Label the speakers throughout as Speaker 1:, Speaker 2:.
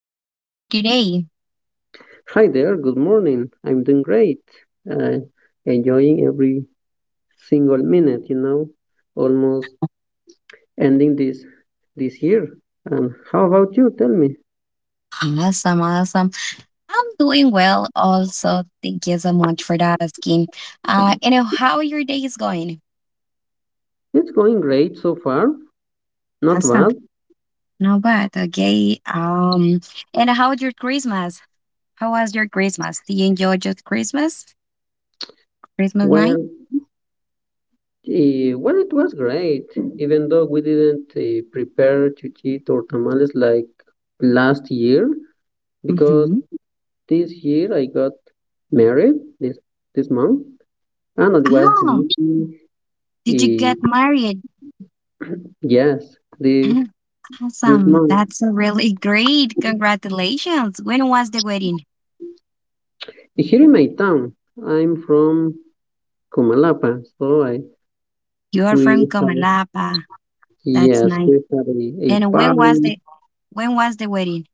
Speaker 1: Welcome. How are you today?
Speaker 2: Hi there, good morning. I'm doing great. Uh, enjoying every single minute, you know, almost ending this year. And how about you? Tell me.
Speaker 1: Awesome, awesome. I'm doing well also. Thank you so much for that asking. How your day is going?
Speaker 2: It's going great so far. Not
Speaker 1: Awesome.
Speaker 2: bad.
Speaker 1: No bad. Okay. And how was your Christmas? How was your Christmas? Did you enjoy just Christmas? Christmas night?
Speaker 2: Well, well, it was great, even though we didn't prepare chuchito or tamales like last year, because
Speaker 1: Mm-hmm.
Speaker 2: this year I got married this month, and it was
Speaker 1: Oh,
Speaker 2: really,
Speaker 1: did you get
Speaker 2: eh,
Speaker 1: married?
Speaker 2: yes, this
Speaker 1: Mm,
Speaker 2: This
Speaker 1: awesome.
Speaker 2: month.
Speaker 1: That's really great. Congratulations. When was the wedding?
Speaker 2: Here in my town, I'm from Comalapa, so I
Speaker 1: You are
Speaker 2: we
Speaker 1: from
Speaker 2: had
Speaker 1: Comalapa. That's
Speaker 2: yes,
Speaker 1: nice.
Speaker 2: we had a
Speaker 1: And when was
Speaker 2: party.
Speaker 1: the wedding?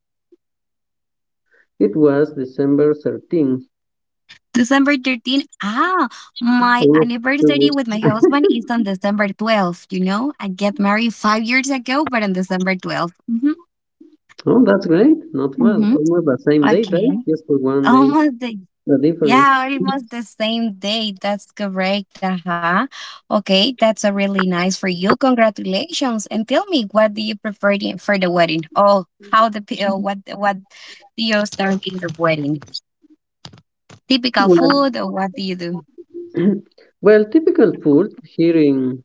Speaker 2: It was December 13th,
Speaker 1: December 13th. Ah, my
Speaker 2: almost two
Speaker 1: anniversary with
Speaker 2: weeks.
Speaker 1: my husband is on December 12th. You know, I get married 5 years ago, but on December 12th. Mm-hmm.
Speaker 2: Oh, that's great, not bad.
Speaker 1: Mm-hmm.
Speaker 2: Almost the same day,
Speaker 1: Okay.
Speaker 2: right? Just for one day,
Speaker 1: Almost the,
Speaker 2: the difference.
Speaker 1: yeah, Almost the same date. That's correct. Uh-huh. Okay. That's a really nice for you. Congratulations. And tell me, what do you prefer for the wedding? Oh, how the, p- what do you start in the wedding? Typical
Speaker 2: Well,
Speaker 1: food, or what do you do?
Speaker 2: well, typical food here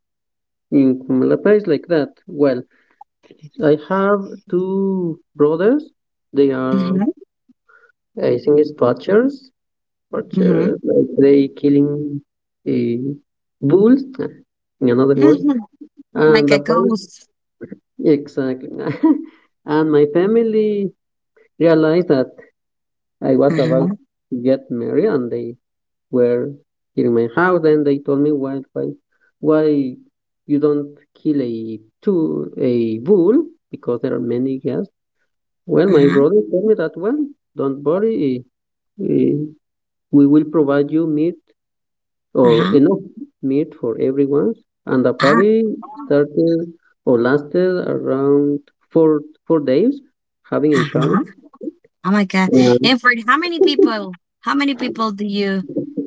Speaker 2: in Comalapa is like that. Well, I have two brothers. They are,
Speaker 1: Hmm
Speaker 2: I think, it's butchers.
Speaker 1: hmm
Speaker 2: Butcher, like they killing eh, bulls, in another words,
Speaker 1: hmm.
Speaker 2: and
Speaker 1: Like
Speaker 2: the
Speaker 1: a
Speaker 2: parents
Speaker 1: ghost.
Speaker 2: exactly. And my family realized that I was about to get married, and they were here in my house, and they told me why you don't kill a bull because there are many guests. Well, my
Speaker 1: Uh-huh.
Speaker 2: brother told me that well, don't worry, eh, we will provide you meat or enough meat for everyone, and the party started or lasted around four four days, having a party.
Speaker 1: Uh-huh. Oh my god!
Speaker 2: And
Speaker 1: And for how many people? How many people do you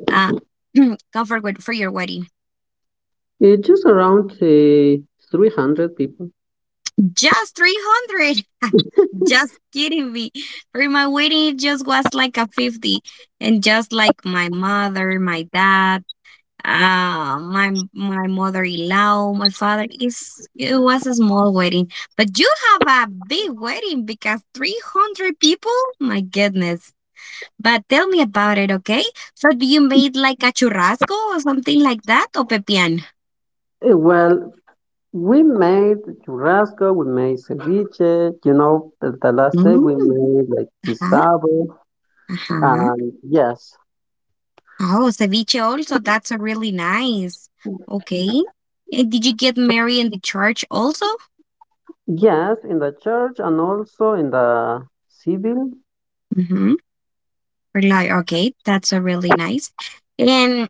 Speaker 1: uh comfort with for your wedding?
Speaker 2: it's just around 300 people.
Speaker 1: Just 300. Just kidding me. For my wedding, it just was like a 50, and just like my mother, my dad, my mother-in-law, my father. Is it was a small wedding, but you have a big wedding because 300 people. My goodness, but tell me about it. Okay, so do you made like a churrasco or something like that, or pepian?
Speaker 2: Well, we made churrasco, we made ceviche, you know, the last day we
Speaker 1: Mm,
Speaker 2: made like
Speaker 1: uh-huh,
Speaker 2: guisado,
Speaker 1: uh-huh.
Speaker 2: and yes,
Speaker 1: Oh, ceviche also. That's a really nice. Okay, and did you get married in the church also?
Speaker 2: yes, in the church and also in the civil.
Speaker 1: Mhm. Rely. Okay, that's a really nice. And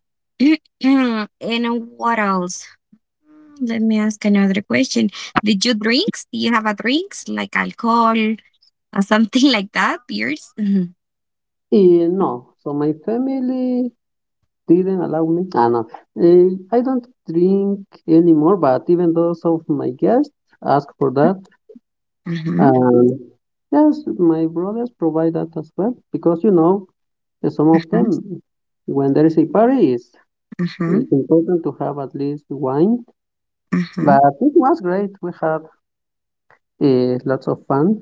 Speaker 1: and what else? Hmm, let me ask another question. Did you drinks? Do you have a drinks like alcohol or something like that? Beers? Mhm.
Speaker 2: No, so my family didn't allow me. Ah, no. I don't drink anymore, but even those of my guests ask for that.
Speaker 1: Uh-huh.
Speaker 2: And yes, my brothers provide that as well because you know, some of
Speaker 1: Uh-huh.
Speaker 2: them, when there is a party, it's,
Speaker 1: Uh-huh.
Speaker 2: it's important to have at least wine.
Speaker 1: Uh-huh.
Speaker 2: But it was great. We had lots of fun.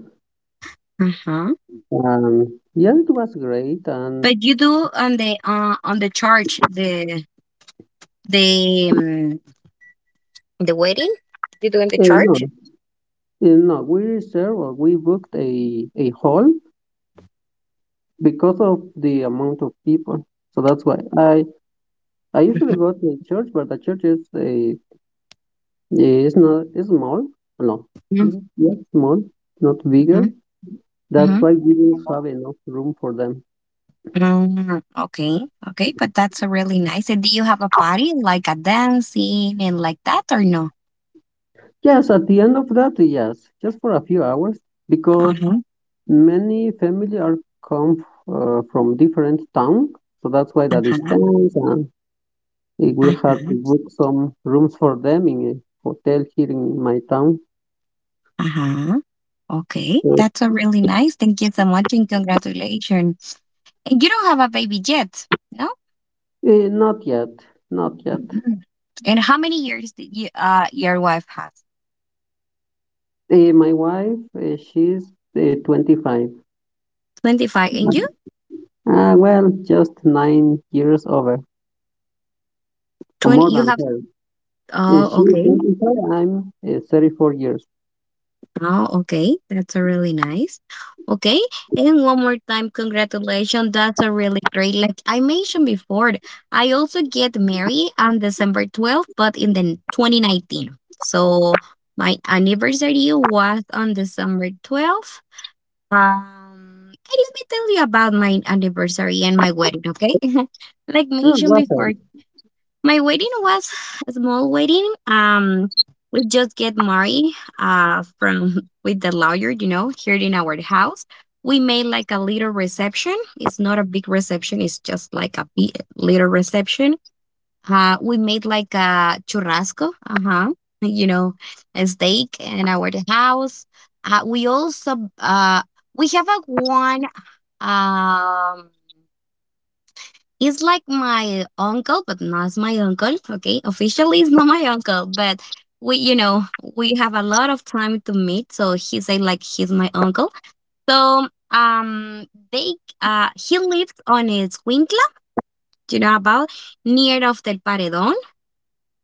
Speaker 1: Uh-huh.
Speaker 2: Yeah, it was great. And
Speaker 1: But you do on the church the um, the wedding? You do in the
Speaker 2: uh, no,
Speaker 1: church?
Speaker 2: no, we reserved or we booked a hall because of the amount of people. So that's why I usually go to a church, but the church is a is not is small. No, yes, small, not
Speaker 1: Mm-hmm.
Speaker 2: bigger. That's why we didn't have enough room for them.
Speaker 1: Mm, okay, okay, but that's a really nice. And do you have a party like a dancing and like that or no?
Speaker 2: Yes, at the end of that, yes, just for a few hours, because
Speaker 1: Uh-huh,
Speaker 2: many family are come from different town, so that's why the
Speaker 1: uh-huh,
Speaker 2: distance and we had
Speaker 1: uh-huh,
Speaker 2: to book some rooms for them in a hotel here in my town.
Speaker 1: uh-huh. Okay, that's a really nice. Thank you so much and congratulations. And you don't have a baby yet, no?
Speaker 2: Not yet, not yet.
Speaker 1: Mm. And how many years did your wife has?
Speaker 2: My wife, she's 25.
Speaker 1: 25. And you?
Speaker 2: Well, just 9 years over, or more
Speaker 1: 20 you
Speaker 2: than
Speaker 1: have.
Speaker 2: her.
Speaker 1: Oh
Speaker 2: She's
Speaker 1: okay.
Speaker 2: 25, I'm 34 years.
Speaker 1: Oh, okay. That's a really nice. Okay. And one more time, congratulations. That's a really great. Like I mentioned before, I also get married on December 12th, but in the 2019. So my anniversary was on December 12th. And let me tell you about my anniversary and my wedding, okay? Like
Speaker 2: Oh,
Speaker 1: mentioned
Speaker 2: Rafael.
Speaker 1: before, my wedding was a small wedding. We just get married from with the lawyer, you know, here in our house. We made like a little reception. It's not a big reception. It's just like a big, little reception. We made like a churrasco, uh huh, you know, a steak in our house. We also we have a one um he's like my uncle, but not my uncle. Okay, officially, he's not my uncle, but we, you know, we have a lot of time to meet. So he say like he's my uncle. So they he lives on Escuintla, you know, about near of Del Paredón,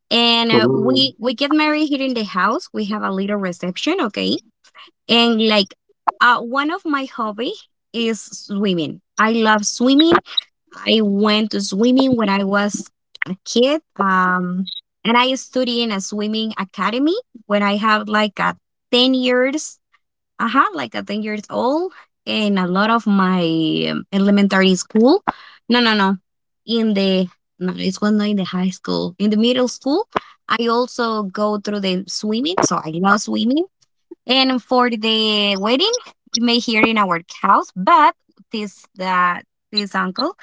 Speaker 1: and
Speaker 2: Oh.
Speaker 1: we get married here in the house. We have a little reception, okay, and like one of my hobby is swimming. I love swimming. I went to swimming when I was a kid. And I studied in a swimming academy when I have like a 10 years, I had like a 10 years old in a lot of my elementary school. No, no, no. In the, no, It was not in the high school. In the middle school, I also go through the swimming. So I love swimming. And for the wedding, we made here in our house, but this, that, this uncle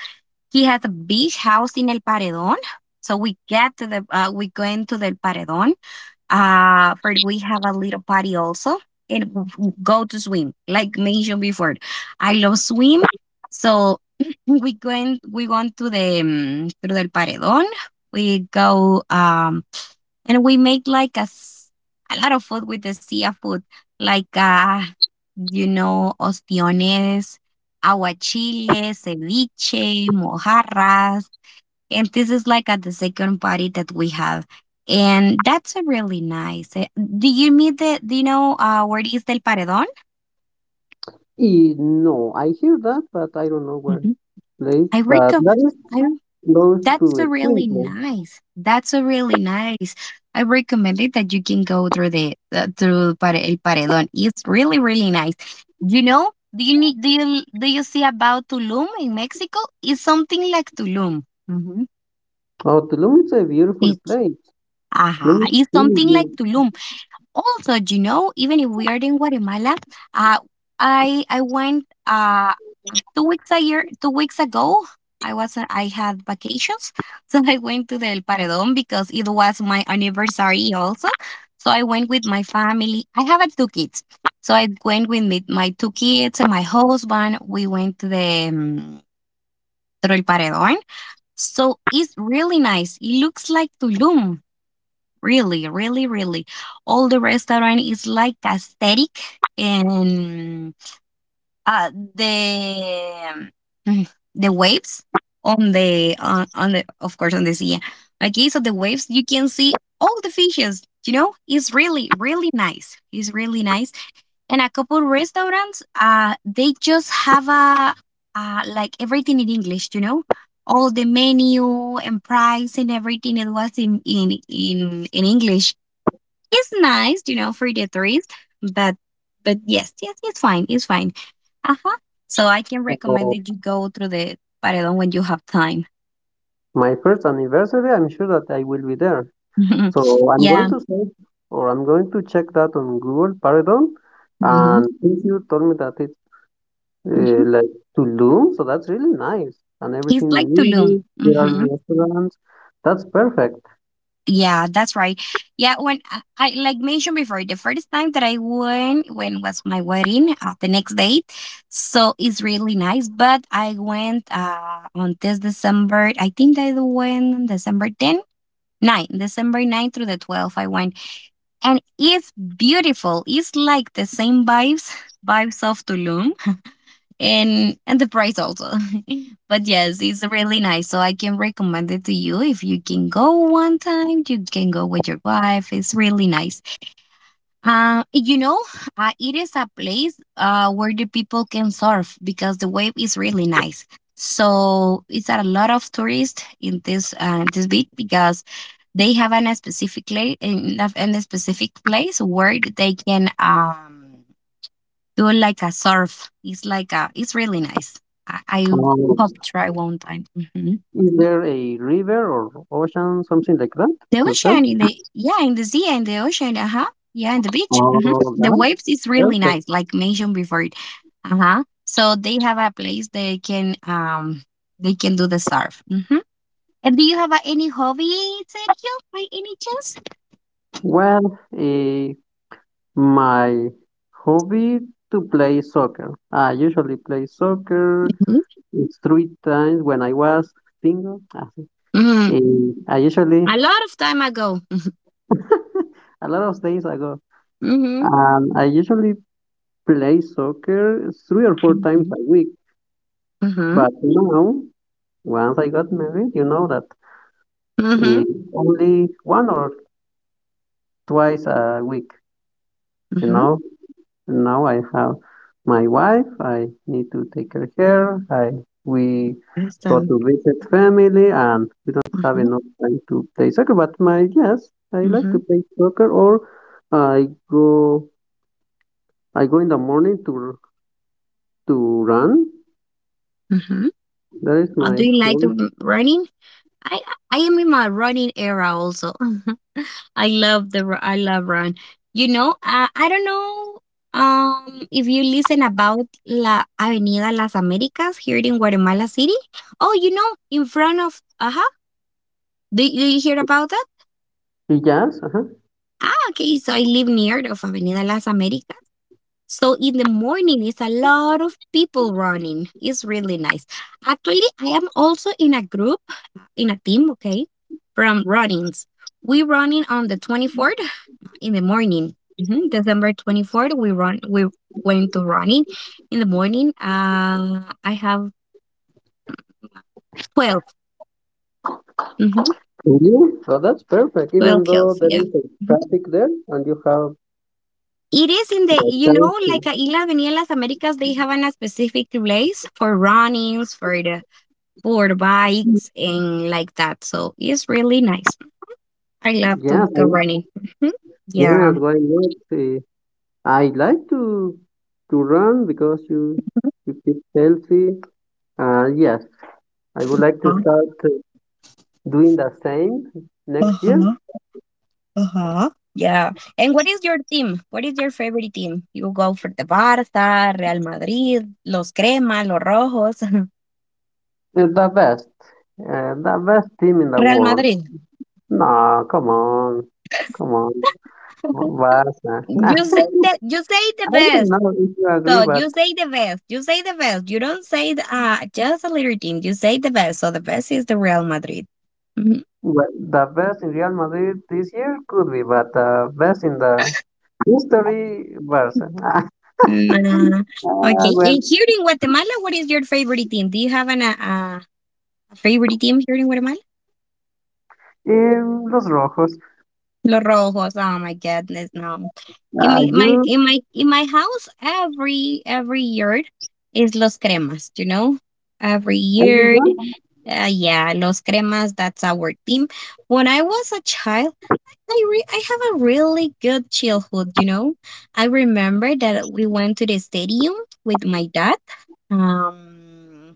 Speaker 1: he has a beach house in El Paredón. So we get to the we go into the El Paredón. For we have a little party also, and go to swim. Like mentioned before, I love swim. So we go to the through the El Paredón. We go and we make like a, a lot of food with the sea food, like, you know, ostiones, aguachile, ceviche, mojarras. And this is like at the second party that we have. And that's a really nice. Eh, do you meet the, do you know, where is Del Paredón?
Speaker 2: No, I hear that, but I don't know where it's
Speaker 1: Mhm.
Speaker 2: placed.
Speaker 1: I
Speaker 2: But
Speaker 1: recommend.
Speaker 2: that is close
Speaker 1: That's a
Speaker 2: to
Speaker 1: really
Speaker 2: Squintland.
Speaker 1: nice. That's a really nice. I recommend it that you can go through the through El Paredón. It's really really nice. You know, do you see about Tulum in Mexico? It's something like Tulum. Mhm.
Speaker 2: Oh, Tulum is a beautiful
Speaker 1: It's
Speaker 2: place. Tulum
Speaker 1: aha.
Speaker 2: is
Speaker 1: It's
Speaker 2: really
Speaker 1: something like
Speaker 2: beautiful.
Speaker 1: Tulum, also, you know, even if we are in Guatemala, uh, I went 2 weeks a year 2 weeks ago. I was I had vacations, so I went to the El Paredón because it was my anniversary also. So I went with my family. I have two kids, so I went with me, my two kids and my husband. We went to the to El Paredón. So it's really nice. It looks like Tulum. Really, really, really. All the restaurant is like aesthetic and uh the mm, the waves on on the, of course, on the sea. Okay, so the waves you can see all the fishes, you know? It's really, really nice. It's really nice. And a couple restaurants they just have a like everything in English, you know? All the menu and price and everything it was in English. It's nice, you know, for the threes, but but yes, yes, it's fine, it's fine. Uh huh. So I can recommend
Speaker 2: Oh,
Speaker 1: that you go through the paredón when you have time.
Speaker 2: my first anniversary, I'm sure that I will be there. So I'm going
Speaker 1: Yeah.
Speaker 2: to search or I'm going to check that on Google Paradon.
Speaker 1: Mm-hmm.
Speaker 2: And since you told me that it's
Speaker 1: Hmm.
Speaker 2: like Tulum, so that's really nice. And
Speaker 1: It's
Speaker 2: everything in
Speaker 1: like Tulum.
Speaker 2: English, there are
Speaker 1: Hmm.
Speaker 2: restaurants. That's perfect.
Speaker 1: Yeah, that's right. Yeah, when I like mentioned before, the first time that I went, when was my wedding? The next date, so it's really nice. But I went on this December. I think I went on December 10 9, December 9th through the 12th, I went. And it's beautiful. It's like the same vibes, vibes of Tulum and the price also. But yes, it's really nice. So I can recommend it to you. If you can go one time, you can go with your wife. It's really nice. Uh, you know, it is a place where the people can surf because the wave is really nice. So it's a lot of tourists in this beach because they have a specific place in, in a specific place where they can do like a surf. It's like a it's really nice. I hope
Speaker 2: Um,
Speaker 1: to try one time. Mhm.
Speaker 2: is there a river or ocean, something like that
Speaker 1: The
Speaker 2: to surf?
Speaker 1: ocean in the yeah, in the sea and the ocean, uh-huh. Yeah, and the beach. Hmm.
Speaker 2: Oh,
Speaker 1: The
Speaker 2: that's
Speaker 1: waves is really nice,
Speaker 2: perfect.
Speaker 1: like mentioned before. Uh-huh. So they have a place they can do the surf. Hmm. And do you have any hobby, Sergio, by any chance?
Speaker 2: Well, eh, my hobby to play soccer. I usually play soccer.
Speaker 1: Hmm
Speaker 2: It's three times when I was single.
Speaker 1: hmm.
Speaker 2: I
Speaker 1: A
Speaker 2: usually,
Speaker 1: lot of time ago.
Speaker 2: a lot of days ago,
Speaker 1: Mm-hmm.
Speaker 2: I usually play soccer three or four times
Speaker 1: Mm-hmm.
Speaker 2: a week.
Speaker 1: Mm-hmm.
Speaker 2: But now, once I got married, you know that
Speaker 1: Mm-hmm.
Speaker 2: eh, only one or twice a week. You
Speaker 1: Mm-hmm.
Speaker 2: know, now I have my wife. I need to take care of her. I we go
Speaker 1: Awesome.
Speaker 2: to visit family, and we don't have
Speaker 1: Mm-hmm.
Speaker 2: enough time to play soccer. But my yes, I like to
Speaker 1: Mm-hmm.
Speaker 2: play soccer, or I go I go in the morning to run.
Speaker 1: Mm-hmm.
Speaker 2: That is
Speaker 1: Do
Speaker 2: my
Speaker 1: you like
Speaker 2: hobby.
Speaker 1: running? I I am in my running era also. I love the I love Run. You know, I don't know if you listen about La Avenida Las Américas here in Guatemala City. Oh, you know, in front of uh-huh. do did you hear about that?
Speaker 2: Yes, uh-huh.
Speaker 1: Ah, okay. So I live near of Avenida Las Américas. So in the morning, it's a lot of people running. It's really nice. Actually, I am also in a group, in a team, okay, from runnings. We running on the 24th in the morning. Mhm, December 24th, we run. We went to running in the morning. I have 12, mhm,
Speaker 2: And you? So that's perfect.
Speaker 1: 12
Speaker 2: Even though
Speaker 1: kills.
Speaker 2: there
Speaker 1: Yeah.
Speaker 2: is a
Speaker 1: Mhm.
Speaker 2: traffic there, and you have
Speaker 1: It is in the,
Speaker 2: the
Speaker 1: you
Speaker 2: time
Speaker 1: know, like
Speaker 2: to.
Speaker 1: in Las Avenida Las Americas, they have a specific place for runnings, for the bikes and like that. So it's really nice. I love to
Speaker 2: Yes,
Speaker 1: go
Speaker 2: I,
Speaker 1: running. Mhm.
Speaker 2: yes.
Speaker 1: Yeah.
Speaker 2: Why not? I like to run because you keep healthy. Yes, I would like to start doing the same next year.
Speaker 1: Uh-huh. Uh-huh. Yeah. And what is your team? What is your favorite team? You go for the Barça, Real Madrid, los crema, los rojos.
Speaker 2: Eh, The best, the best team in the
Speaker 1: Real
Speaker 2: world.
Speaker 1: Madrid.
Speaker 2: No, come on, come on. Barca.
Speaker 1: You say that you say the
Speaker 2: I don't
Speaker 1: best.
Speaker 2: know if you agree,
Speaker 1: So
Speaker 2: but
Speaker 1: you say the best. You say the best. You don't say just a little team. You say the best. So the best is the Real Madrid. Mhm.
Speaker 2: well, the best in Real Madrid this year could be, but the best in the history, Barca.
Speaker 1: Nah.
Speaker 2: Ah,
Speaker 1: Okay.
Speaker 2: well,
Speaker 1: And here in Guatemala, what is your favorite team? Do you have an a favorite team here in Guatemala?
Speaker 2: in Los Rojos,
Speaker 1: Los Rojos? Oh my goodness, no. In my, my
Speaker 2: you,
Speaker 1: in my in my house every year is Los Cremas, you know? Every year.
Speaker 2: everyone?
Speaker 1: Yeah, Los Cremas, that's our team. When I was a child, I have a really good childhood, you know? I remember that we went to the stadium with my dad. Um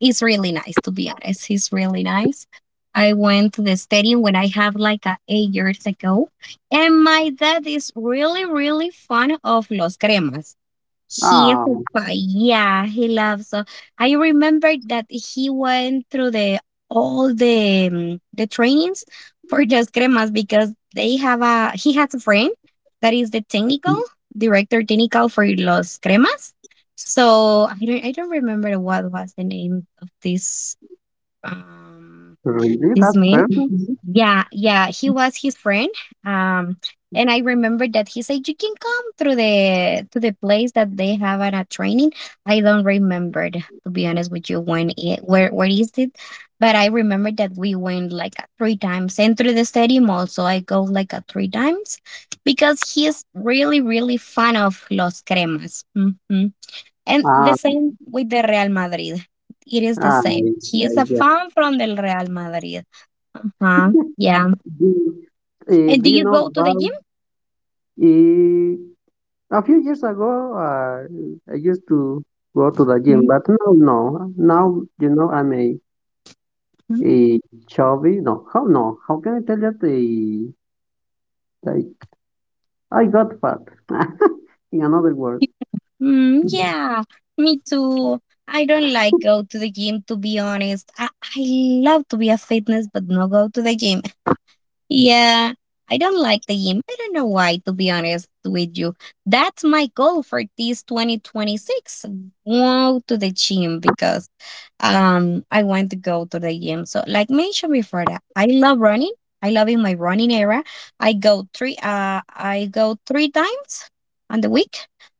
Speaker 1: it's really nice, to be honest. It's really nice. I went to the stadium when I have like 8 years ago, and my dad is really, really fan of Los Cremas. He is
Speaker 2: Ah,
Speaker 1: a spy. Yeah, he loves. So I remembered that he went through the all the trainings for those cremas because they have a he has a friend that is the technical director technical for los cremas. So I don't remember what was the name of this um
Speaker 2: really? That
Speaker 1: this man.
Speaker 2: person?
Speaker 1: Yeah, yeah, he was his friend. Um, and I remember that he said you can come through the to the place that they have at a training. I don't remember, to be honest with you, when it where is it, but I remember that we went like three times and through the stadium also. I go like three times because he's really really fan of Los Cremas. Hmm And the
Speaker 2: Ah,
Speaker 1: same with the Real Madrid. It is the
Speaker 2: ah,
Speaker 1: same. He
Speaker 2: I
Speaker 1: is a
Speaker 2: guess.
Speaker 1: fan from the Real Madrid. Uh-huh. Yeah.
Speaker 2: Do,
Speaker 1: And
Speaker 2: do
Speaker 1: do
Speaker 2: you
Speaker 1: you
Speaker 2: know
Speaker 1: go to the
Speaker 2: about
Speaker 1: gym?
Speaker 2: uh, a few years ago? I used to go to the gym,
Speaker 1: Mhm.
Speaker 2: but now, no. Now, you know, I'm a Eh, chubby? No, how no? How can I tell that the like I got fat? In another word.
Speaker 1: Mm, yeah, me too. I don't like go to the gym to be honest. I love to be a fitness but not go to the gym. Yeah, I don't like the gym. I don't know why, to be honest with you. That's my goal for this 2026. Go to the gym because I want to go to the gym. So like mentioned before that, I love running. I love in my running era. I go three times on the week.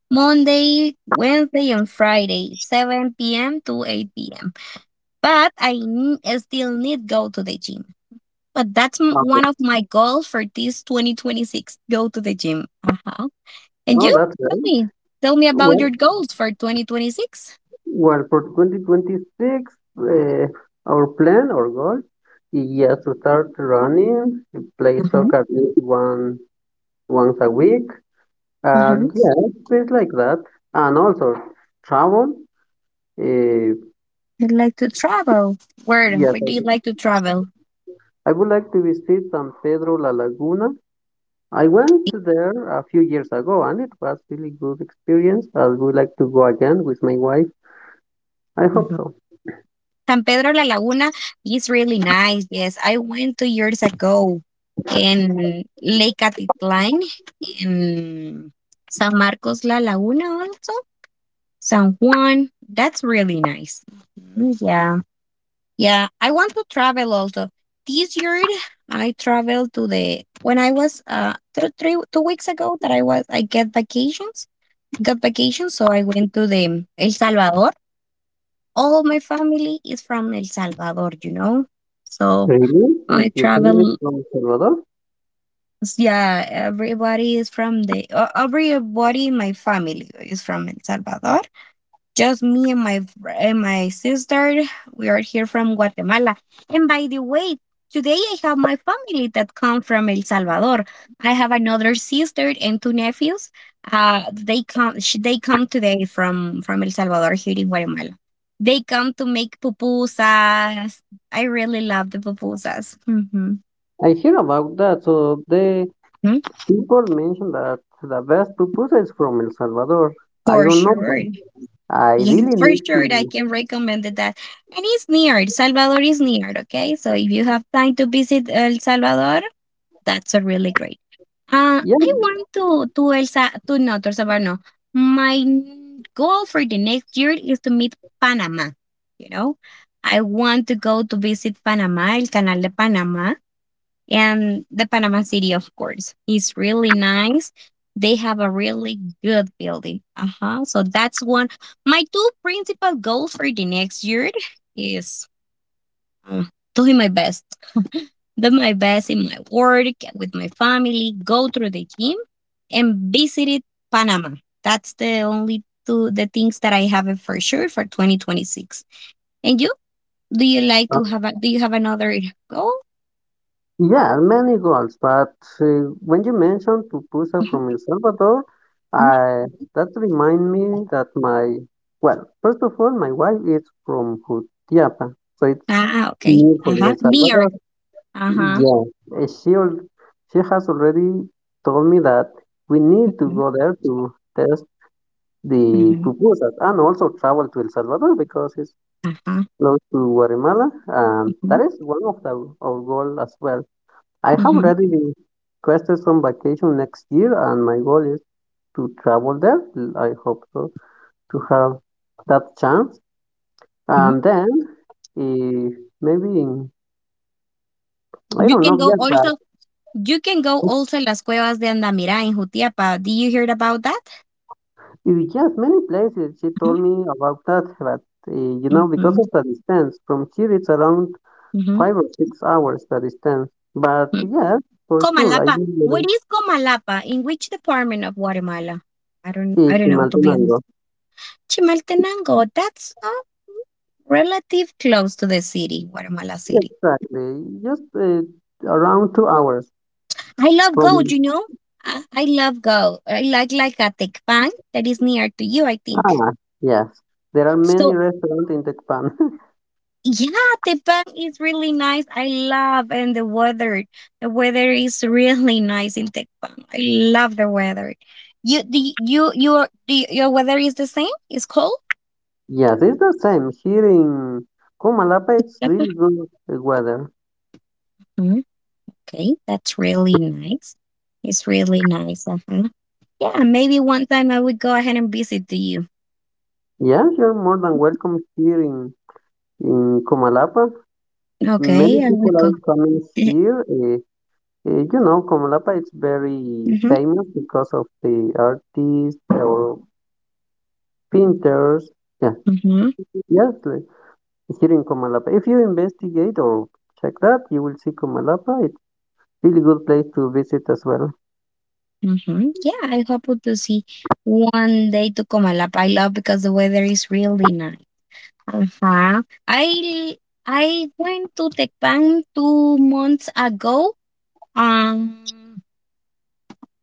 Speaker 1: Monday, Wednesday, and Friday, 7 p.m. to 8 p.m. But I still need go to the gym, but that's
Speaker 2: Oh,
Speaker 1: one of my goals for this 2026. Go to the gym. Uh huh. And
Speaker 2: oh,
Speaker 1: you?
Speaker 2: that's
Speaker 1: Tell
Speaker 2: right.
Speaker 1: me. Tell me about
Speaker 2: Well,
Speaker 1: your goals for 2026.
Speaker 2: well, for 2026, uh, our plan or goal is to start running, play
Speaker 1: Mm-hmm.
Speaker 2: soccer at least one once a week,
Speaker 1: Mm-hmm.
Speaker 2: and yeah, things like that, and also travel. Uh,
Speaker 1: I'd like to travel. Where?
Speaker 2: yes,
Speaker 1: Where
Speaker 2: I,
Speaker 1: do you like to travel?
Speaker 2: I would like to visit San Pedro La Laguna. I went there a few years ago and it was really good experience. I would like to go again with my wife. I hope
Speaker 1: Mhm.
Speaker 2: so.
Speaker 1: San Pedro La Laguna is really nice. Yes, I went 2 years ago in Lake Atitlan in San Marcos La Laguna also. San Juan. That's really nice. Mhm. Yeah. Yeah, I want to travel also. This year, I traveled to the when I was 3 2 weeks ago that I was I get vacations got vacations, so I went to the El Salvador. All my family is from El Salvador, you know, so
Speaker 2: Really?
Speaker 1: I
Speaker 2: Is your favorite
Speaker 1: travel.
Speaker 2: from Salvador?
Speaker 1: Yeah, everybody is from the everybody in my family is from El Salvador. Just me and my sister. We are here from Guatemala. And by the way, today I have my family that come from El Salvador. I have another sister and two nephews. They come. They come today from El Salvador here in Guatemala. They come to make pupusas. I really love the pupusas. Mhm.
Speaker 2: I hear about that. So the
Speaker 1: Mm,
Speaker 2: people mention that the best pupusa is from El Salvador. I
Speaker 1: for
Speaker 2: don't know.
Speaker 1: sure.
Speaker 2: But I
Speaker 1: Yeah,
Speaker 2: really
Speaker 1: for
Speaker 2: need
Speaker 1: sure. I
Speaker 2: to.
Speaker 1: can recommend it that. And it's near. El Salvador is near, okay? So if you have time to visit El Salvador, that's a really great.
Speaker 2: Yeah.
Speaker 1: I want to El Sa to No, to El Salvador, no. My goal for the next year is to meet Panama, you know? I want to go to visit Panama, El Canal de Panama, and the Panama City, of course, is really nice. They have a really good building. Uh huh. So that's one. My two principal goals for the next year is uh, doing my best, do my best in my work with my family, go through the gym, and visited Panama. That's the only two the things that I have for sure for 2026. And you, do you like to have a do you have another goal?
Speaker 2: Yeah, many goals. But uh, when you mentioned pupusa
Speaker 1: Mhm.
Speaker 2: from El Salvador,
Speaker 1: Mhm.
Speaker 2: I, that remind me that my, well, first of all, my wife is from Jutiapa, so it's
Speaker 1: Ah, okay.
Speaker 2: near for
Speaker 1: Uh huh.
Speaker 2: El
Speaker 1: Me
Speaker 2: Salvador.
Speaker 1: uh-huh.
Speaker 2: Yeah, uh, she al- she has already told me that we need to
Speaker 1: Mhm,
Speaker 2: go there to test the
Speaker 1: mhm,
Speaker 2: pupusas and also travel to El Salvador because it's
Speaker 1: Ajá.
Speaker 2: close to Guatemala, and that
Speaker 1: Ujú,
Speaker 2: is one of the, our goal as well. I have
Speaker 1: ujú,
Speaker 2: already requested some vacation next year, and my goal is to travel there. I hope so, to have that chance.
Speaker 1: ujú.
Speaker 2: And then, if maybe in, I
Speaker 1: You
Speaker 2: don't
Speaker 1: can
Speaker 2: know
Speaker 1: go
Speaker 2: yet, but
Speaker 1: also, you can go also en las cuevas de Andamirá in Jutiapa. Did you hear about that?
Speaker 2: if yes, many places she
Speaker 1: Ujú,
Speaker 2: told me about that. But you know, because
Speaker 1: ujú,
Speaker 2: of the distance from here, it's around
Speaker 1: ujú,
Speaker 2: 5 or 6 hours the distance. But
Speaker 1: ujú.
Speaker 2: yes, for sure, I
Speaker 1: Comalapa.
Speaker 2: will
Speaker 1: What is Comalapa? In which department of Guatemala? I
Speaker 2: to
Speaker 1: don't know, to be
Speaker 2: Maltenango.
Speaker 1: honest. Chimaltenango, that's relative close to the city, Guatemala City.
Speaker 2: Exactly, just around 2 hours
Speaker 1: I love gold,
Speaker 2: from.
Speaker 1: you know. I love gold. I like a Tecpan that is near to you, I think.
Speaker 2: Ah, yes. There are many
Speaker 1: So
Speaker 2: restaurants in Tecpan.
Speaker 1: yeah, Teppan is really nice. I love and the weather. The weather is really nice in Teppan. I love the weather. Your your weather is the same? It's cold?
Speaker 2: Yes, it's the same. Here in Comalapa, it's
Speaker 1: Uh-huh.
Speaker 2: really good weather.
Speaker 1: Mm, okay, that's really nice. It's really nice. Uh-huh. Yeah, maybe one time I would go ahead and visit to you.
Speaker 2: Yeah, you're more than welcome here in Comalapa. Many
Speaker 1: Okay, I will
Speaker 2: people are
Speaker 1: go.
Speaker 2: coming here. You know, Comalapa is very
Speaker 1: Mm-hmm,
Speaker 2: famous because of the artists or painters. Yeah,
Speaker 1: mm-hmm,
Speaker 2: yes, here in Comalapa. If you investigate or check that, you will see Comalapa. It's really good place to visit as well.
Speaker 1: mm-hmm. Yeah, I hope to see one day to Comalapa. I love because the weather is really nice. Uh-huh. I I went to Tecpan 2 months ago. Um,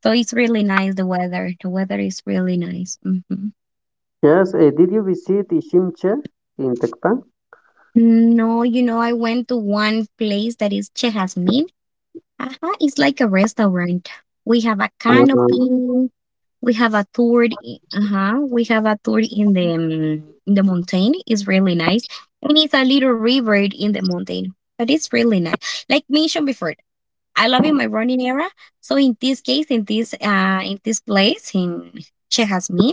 Speaker 1: so it's really nice. The weather is really nice. Hmm
Speaker 2: Yes, did you visit Ishimche in Tecpan?
Speaker 1: No, you know, I went to one place that is Chejasmin. Uh-huh. It's like a restaurant. We have a
Speaker 2: Uh,
Speaker 1: canopy. We have a tour. Uh-huh. We have a tour in the mountain. It's really nice, and it's a little river in the mountain. But it's really nice. Like mentioned before, I love in my running era. So in this case, in this place in Chejasmin,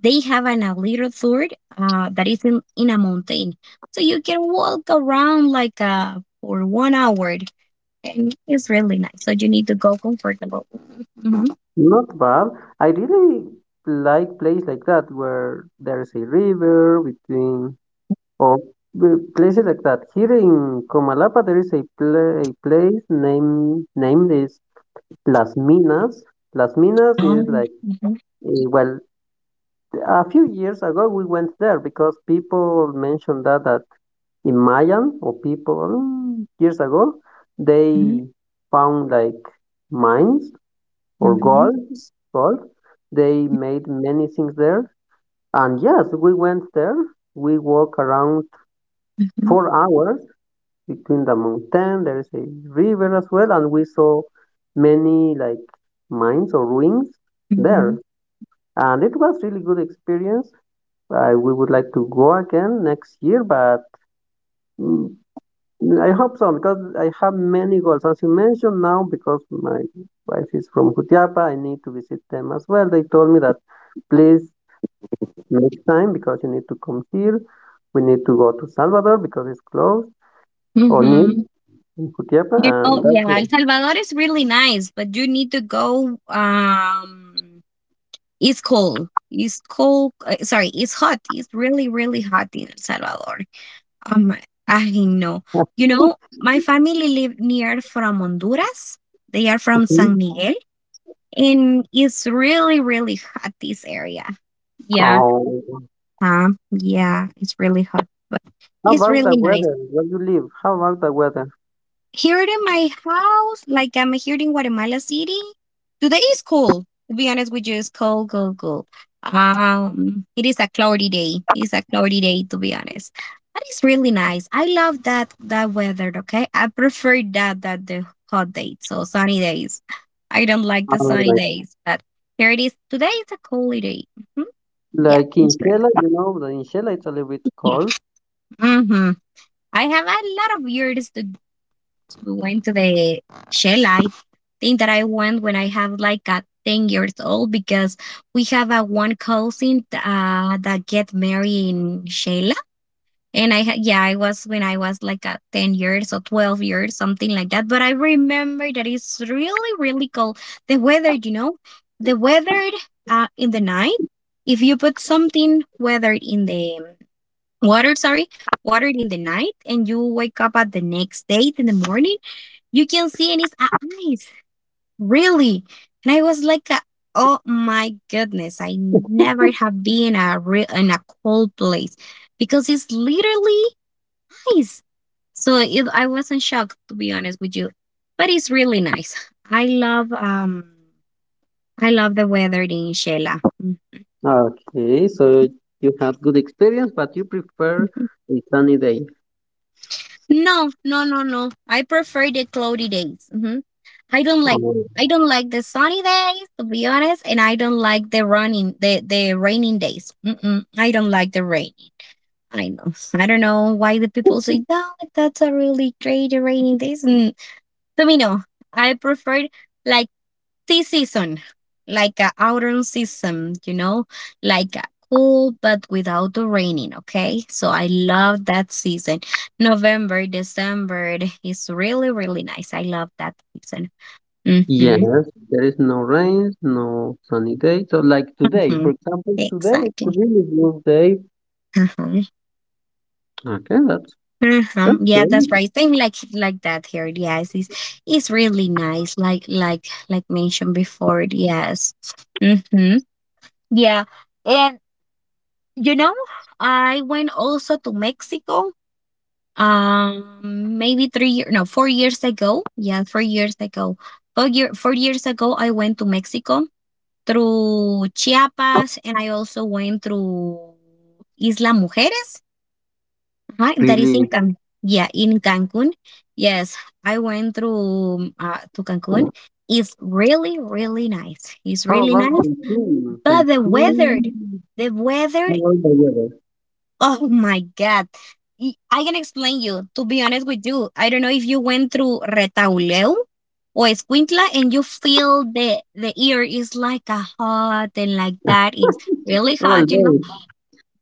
Speaker 1: they have a little tour that is in a mountain. So you can walk around like for 1 hour, and it's really nice. So you need to go comfortable. Mhm.
Speaker 2: not bad. I really like places like that where there's a river between, or places like that. Here in Comalapa, there is a, pla a place named is Las Minas. Las Minas is like,
Speaker 1: Mhm,
Speaker 2: well, a few years ago we went there because people mentioned that that in Mayan or people years ago,
Speaker 1: mhm,
Speaker 2: they found like mines or
Speaker 1: mhm,
Speaker 2: gold. Gold. They made many things there, and yes, we went there. We walk around
Speaker 1: mhm,
Speaker 2: 4 hours between the mountain. There is a river as well, and we saw many like mines or ruins there,
Speaker 1: mhm,
Speaker 2: and it was really good experience. We would like to go again next year, but mm, I hope so because I have many goals. As you mentioned now, because my wife is from Jutiapa, I need to visit them as well. They told me that please make time because you need to come here. We need to go to Salvador because it's close or near
Speaker 1: mhm.
Speaker 2: in Jutiapa,
Speaker 1: You know,
Speaker 2: and that's
Speaker 1: yeah,
Speaker 2: why.
Speaker 1: El Salvador is really nice, but you need to go. It's cold. It's cold. Sorry, it's hot. It's really, really hot in El Salvador. Um, I know. You know, my family live near from Honduras. They are from
Speaker 2: Mhm.
Speaker 1: San Miguel, and it's really, really hot this area. Yeah.
Speaker 2: Oh,
Speaker 1: Yeah, it's really hot, but
Speaker 2: how
Speaker 1: it's
Speaker 2: about the
Speaker 1: really nice.
Speaker 2: weather? Where you live? How about the weather?
Speaker 1: Here in my house, like I'm here in Guatemala City, today is cool. To be honest with you, it's cold, cold, cold. It is a cloudy day. It's a cloudy day, to be honest. But it's really nice. I love that weather. Okay, I prefer that the hot days, so sunny days. I don't like the
Speaker 2: Uh,
Speaker 1: sunny
Speaker 2: like,
Speaker 1: days, but here it is. Today is a cold day. Mhm. Yeah,
Speaker 2: like in
Speaker 1: it's really.
Speaker 2: Shela, you know, in Shela it's a little bit
Speaker 1: Yeah.
Speaker 2: cold.
Speaker 1: hmm I have a lot of years to we went to the shell. I think that I went when I have like a 10 years old because we have a one cousin that get married in Sheila. And yeah, I was when I was like a 10 years or 12 years, something like that. But I remember that it's really, really cold. The weather, you know, the weather in the night, if you put something weathered in the watered sorry watered in the night and you wake up at the next day in the morning, you can see in his eyes really. And I was like oh my goodness, I never have been a real in a cold place because it's literally ice. So it, I wasn't shocked to be honest with you, but it's really nice. i love um I love the weather in Shela. Mhm.
Speaker 2: Okay, so you had good experience, but you prefer a sunny day.
Speaker 1: No, no, no, no, I prefer the cloudy days. Mhm. I don't like
Speaker 2: Oh,
Speaker 1: I don't like the sunny days, to be honest, and I don't like the raining days. Mm-mm, I don't like the rain. I know. I don't know why the people say no, that's a really great rainy days. Mm, to me, no. I prefer like sea season, like a autumn season. You know, like a cool but without the raining. Okay, so I love that season. November, December is really really nice. I love that season.
Speaker 2: yes,
Speaker 1: Hmm
Speaker 2: there is no rains, no sunny day. So like today, for
Speaker 1: hmm
Speaker 2: example, today it's a
Speaker 1: Exactly.
Speaker 2: really good day.
Speaker 1: Uh-huh.
Speaker 2: Okay, that's
Speaker 1: Uh-huh. Yeah, that's
Speaker 2: really
Speaker 1: right. Same like that here. Yes, it's really nice. Like like mentioned before. Yes. Mm-hmm. Yeah, and you know, I went also to Mexico. Um, maybe 3 year no 4 years ago. Yeah, 4 years ago. 4 years ago, I went to Mexico through Chiapas, and I also went through Isla Mujeres. Hi, that is
Speaker 2: really.
Speaker 1: in Can yeah, in Cancun. Yes, I went through to Cancun. It's really, really nice. It's
Speaker 2: How
Speaker 1: really
Speaker 2: about
Speaker 1: nice,
Speaker 2: Cancun?
Speaker 1: but the weather,
Speaker 2: Cancun,
Speaker 1: the weather.
Speaker 2: how about the weather?
Speaker 1: Oh my God! I can explain you. To be honest with you, I don't know if you went through Retauleu or Escuintla, and you feel the air is like a hot and like that is really
Speaker 2: All
Speaker 1: hot. You know,
Speaker 2: day.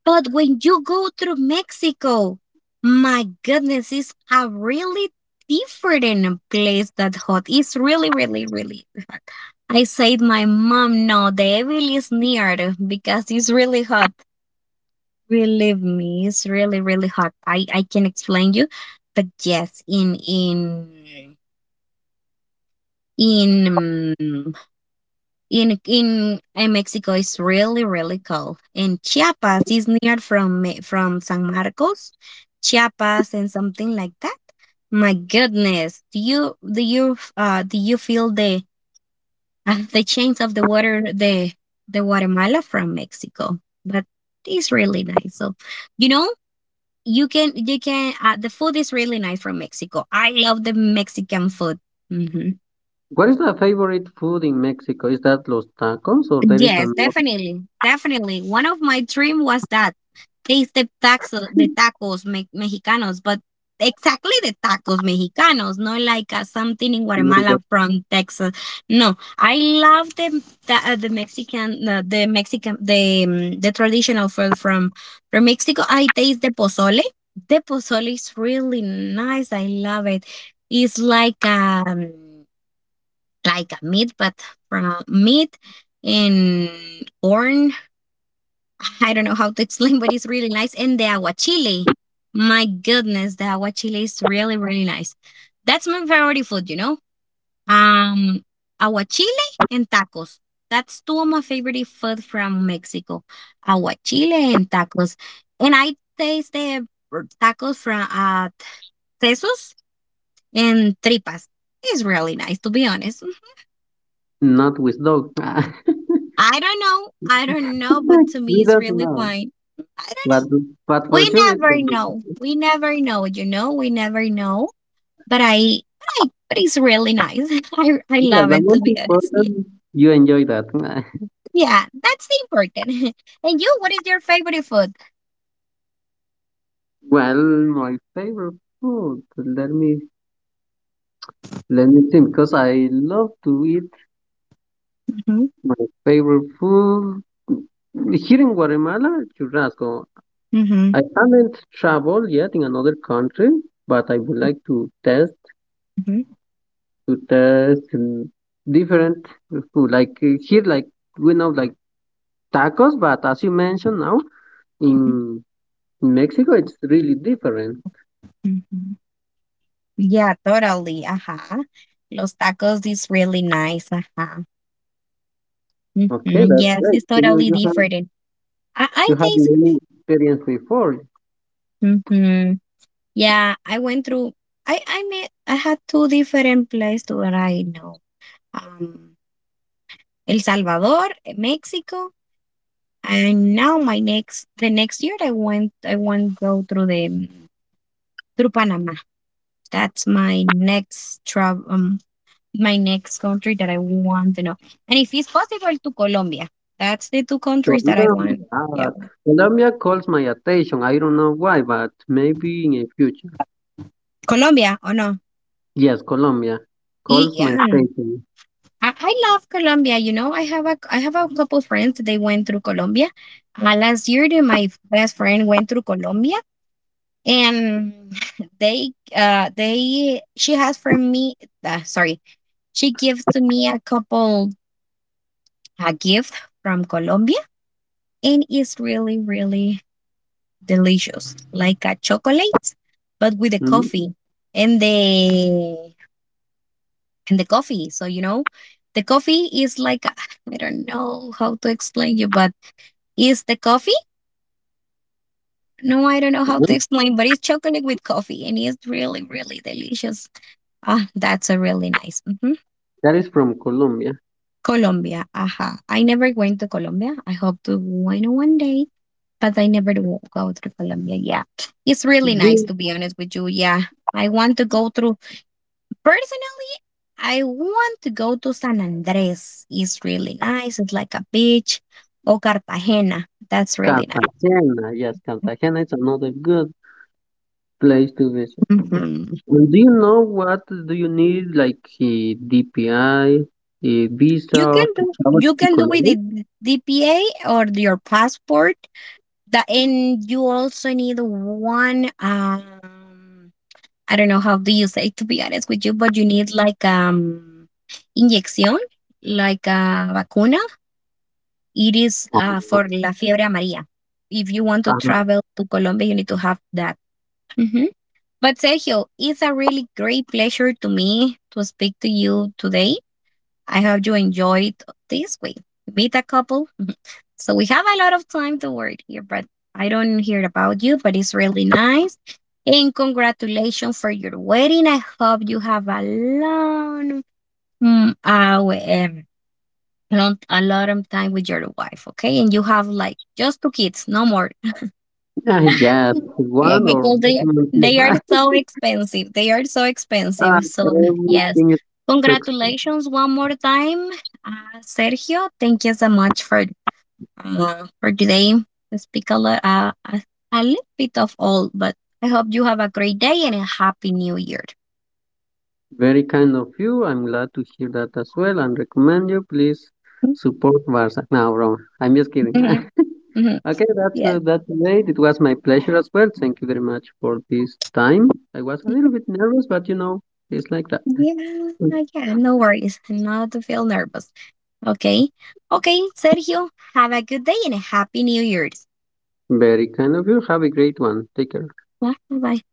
Speaker 1: but when you go through Mexico, my goodness, it's a really different place that hot. It's really, really, really hot. I said my mom, no, the evil is near because it's really hot. Believe me, it's really, really hot. I can explain you. But yes, in mm, in Mexico it's really really cold. And Chiapas is near from from San Marcos, Chiapas and something like that. My goodness, do you feel the change of the water the Guatemala from Mexico? But it's really nice. So you know you can the food is really nice from Mexico. I love the Mexican food. Mhm.
Speaker 2: What is the favorite food in Mexico? Is that los tacos or there is
Speaker 1: Yes,
Speaker 2: another
Speaker 1: definitely. Definitely. One of my dream was that taste the taxo, the mexicanos, but exactly the tacos mexicanos, not like something in Guatemala
Speaker 2: like
Speaker 1: from Texas. No, I love the Mexican the Mexican the traditional food from Mexico. I taste the pozole. The pozole is really nice. I love it. It's like like a meat, but from meat and corn. I don't know how to explain, but it's really nice. And the aguachile. My goodness, the aguachile is really, really nice. That's my favorite food, you know? Um, Aguachile and tacos. That's two of my favorite food from Mexico. Aguachile and tacos. And I taste the tacos from Tesos and Tripas. It's really nice, to be honest.
Speaker 2: not with dog?
Speaker 1: I don't know. I don't know, but to me,
Speaker 2: We
Speaker 1: it's
Speaker 2: don't
Speaker 1: really
Speaker 2: know,
Speaker 1: fine. I don't
Speaker 2: but
Speaker 1: know.
Speaker 2: but for
Speaker 1: We
Speaker 2: sure it's the
Speaker 1: never know. We never know. We never know. But it's really nice. I
Speaker 2: yeah.
Speaker 1: love
Speaker 2: The
Speaker 1: it to
Speaker 2: most
Speaker 1: be honest. Yeah,
Speaker 2: important, you enjoy that.
Speaker 1: yeah that's important. And you, what is your favorite food?
Speaker 2: Well, my favorite food. Let me think because I love to eat
Speaker 1: Mhm,
Speaker 2: my favorite food here in Guatemala, churrasco.
Speaker 1: mhm,
Speaker 2: I haven't traveled yet in another country, but I would like to test
Speaker 1: mhm,
Speaker 2: to test mm, different food. Like here, like we know like tacos, but as you mentioned now
Speaker 1: mhm,
Speaker 2: in in Mexico, it's really different.
Speaker 1: mhm. Yeah, totally. Los tacos is really nice. Uh-huh. Hmm.
Speaker 2: Okay, that's
Speaker 1: Yes,
Speaker 2: right.
Speaker 1: it's
Speaker 2: So you,
Speaker 1: totally different. I
Speaker 2: you have many experience before.
Speaker 1: taste. Yeah, I went through I met I had two different places where I know. Um El Salvador, Mexico, and now my next the next year I went go through the through Panama. That's my next travel my next country that I want to know. And if it's possible to Colombia. That's the two countries that I want.
Speaker 2: Colombia.
Speaker 1: Yeah.
Speaker 2: Ah, Colombia calls my attention. I don't know why, but maybe in the future.
Speaker 1: Colombia, oh no.
Speaker 2: Yes, Colombia
Speaker 1: Y-
Speaker 2: calls my
Speaker 1: yeah,
Speaker 2: attention.
Speaker 1: I, I love Colombia. You know, I have a couple friends. They went through Colombia. Last year, my best friend went through Colombia, and they she has for me. Uh, sorry, she gives to me a couple a gift from Colombia, and it's really really delicious, like a chocolate, but with the
Speaker 2: Mhm.
Speaker 1: coffee and the coffee. So you know, the coffee is like I don't know how to explain you, but is the coffee. No, I don't know how to explain, but it's chocolate with coffee and it's really, really delicious. Ah, that's a really nice. Mhm.
Speaker 2: That is from Colombia.
Speaker 1: Colombia. Aha. I never went to Colombia. I hope to win one day, but I never will go to Colombia. Yeah. It's really nice,
Speaker 2: Good.
Speaker 1: to be honest with you. Yeah. I want to go through. Personally, I want to go to San Andres. It's really nice. It's like a beach. Or Cartagena. That's really nice.
Speaker 2: Cartagena. Yes, Cartagena is another good place to visit.
Speaker 1: Mhm.
Speaker 2: And do you know what do you need, like a DPI, a visa
Speaker 1: You can
Speaker 2: to travel to
Speaker 1: do
Speaker 2: Colombia?
Speaker 1: with the DPA or your passport. That and you also need one I don't know how do you say to be honest with you, but you need like inyección, like a vacuna. It is
Speaker 2: Oh,
Speaker 1: for la fiebre amarilla. If you want to
Speaker 2: Uh,
Speaker 1: travel to Colombia, you need to have that. Mhm. But Sergio, it's a really great pleasure to me to speak to you today. I hope you enjoyed this week. Meet a couple. So we have a lot of time to work here, but I don't hear about you, but it's really nice. And congratulations for your wedding. I hope you have a long, mm, uh, we- um, long, a lot of time with your wife, okay? And you have like just two kids, no more.
Speaker 2: yes,
Speaker 1: Yeah,
Speaker 2: one or
Speaker 1: because they are so expensive. They are so expensive. So yes,
Speaker 2: Everything is
Speaker 1: congratulations one more time, Sergio. Thank you so much for today. I speak a lot, a little bit of all, but I hope you have a great day and a happy new year.
Speaker 2: very kind of you. I'm glad to hear that as well and recommend you. Please support Barca. No, wrong. I'm just kidding.
Speaker 1: Mhm, mhm.
Speaker 2: Okay,
Speaker 1: Yes.
Speaker 2: that's it. It was my pleasure as well. Thank you very much for this time. I was a little bit nervous, but you know, it's like that.
Speaker 1: Yeah, yeah, no worries. Not to feel nervous. Okay. Okay, Sergio, have a good day and a happy new year.
Speaker 2: Very kind of you. Have a great one. Take care.
Speaker 1: Bye bye.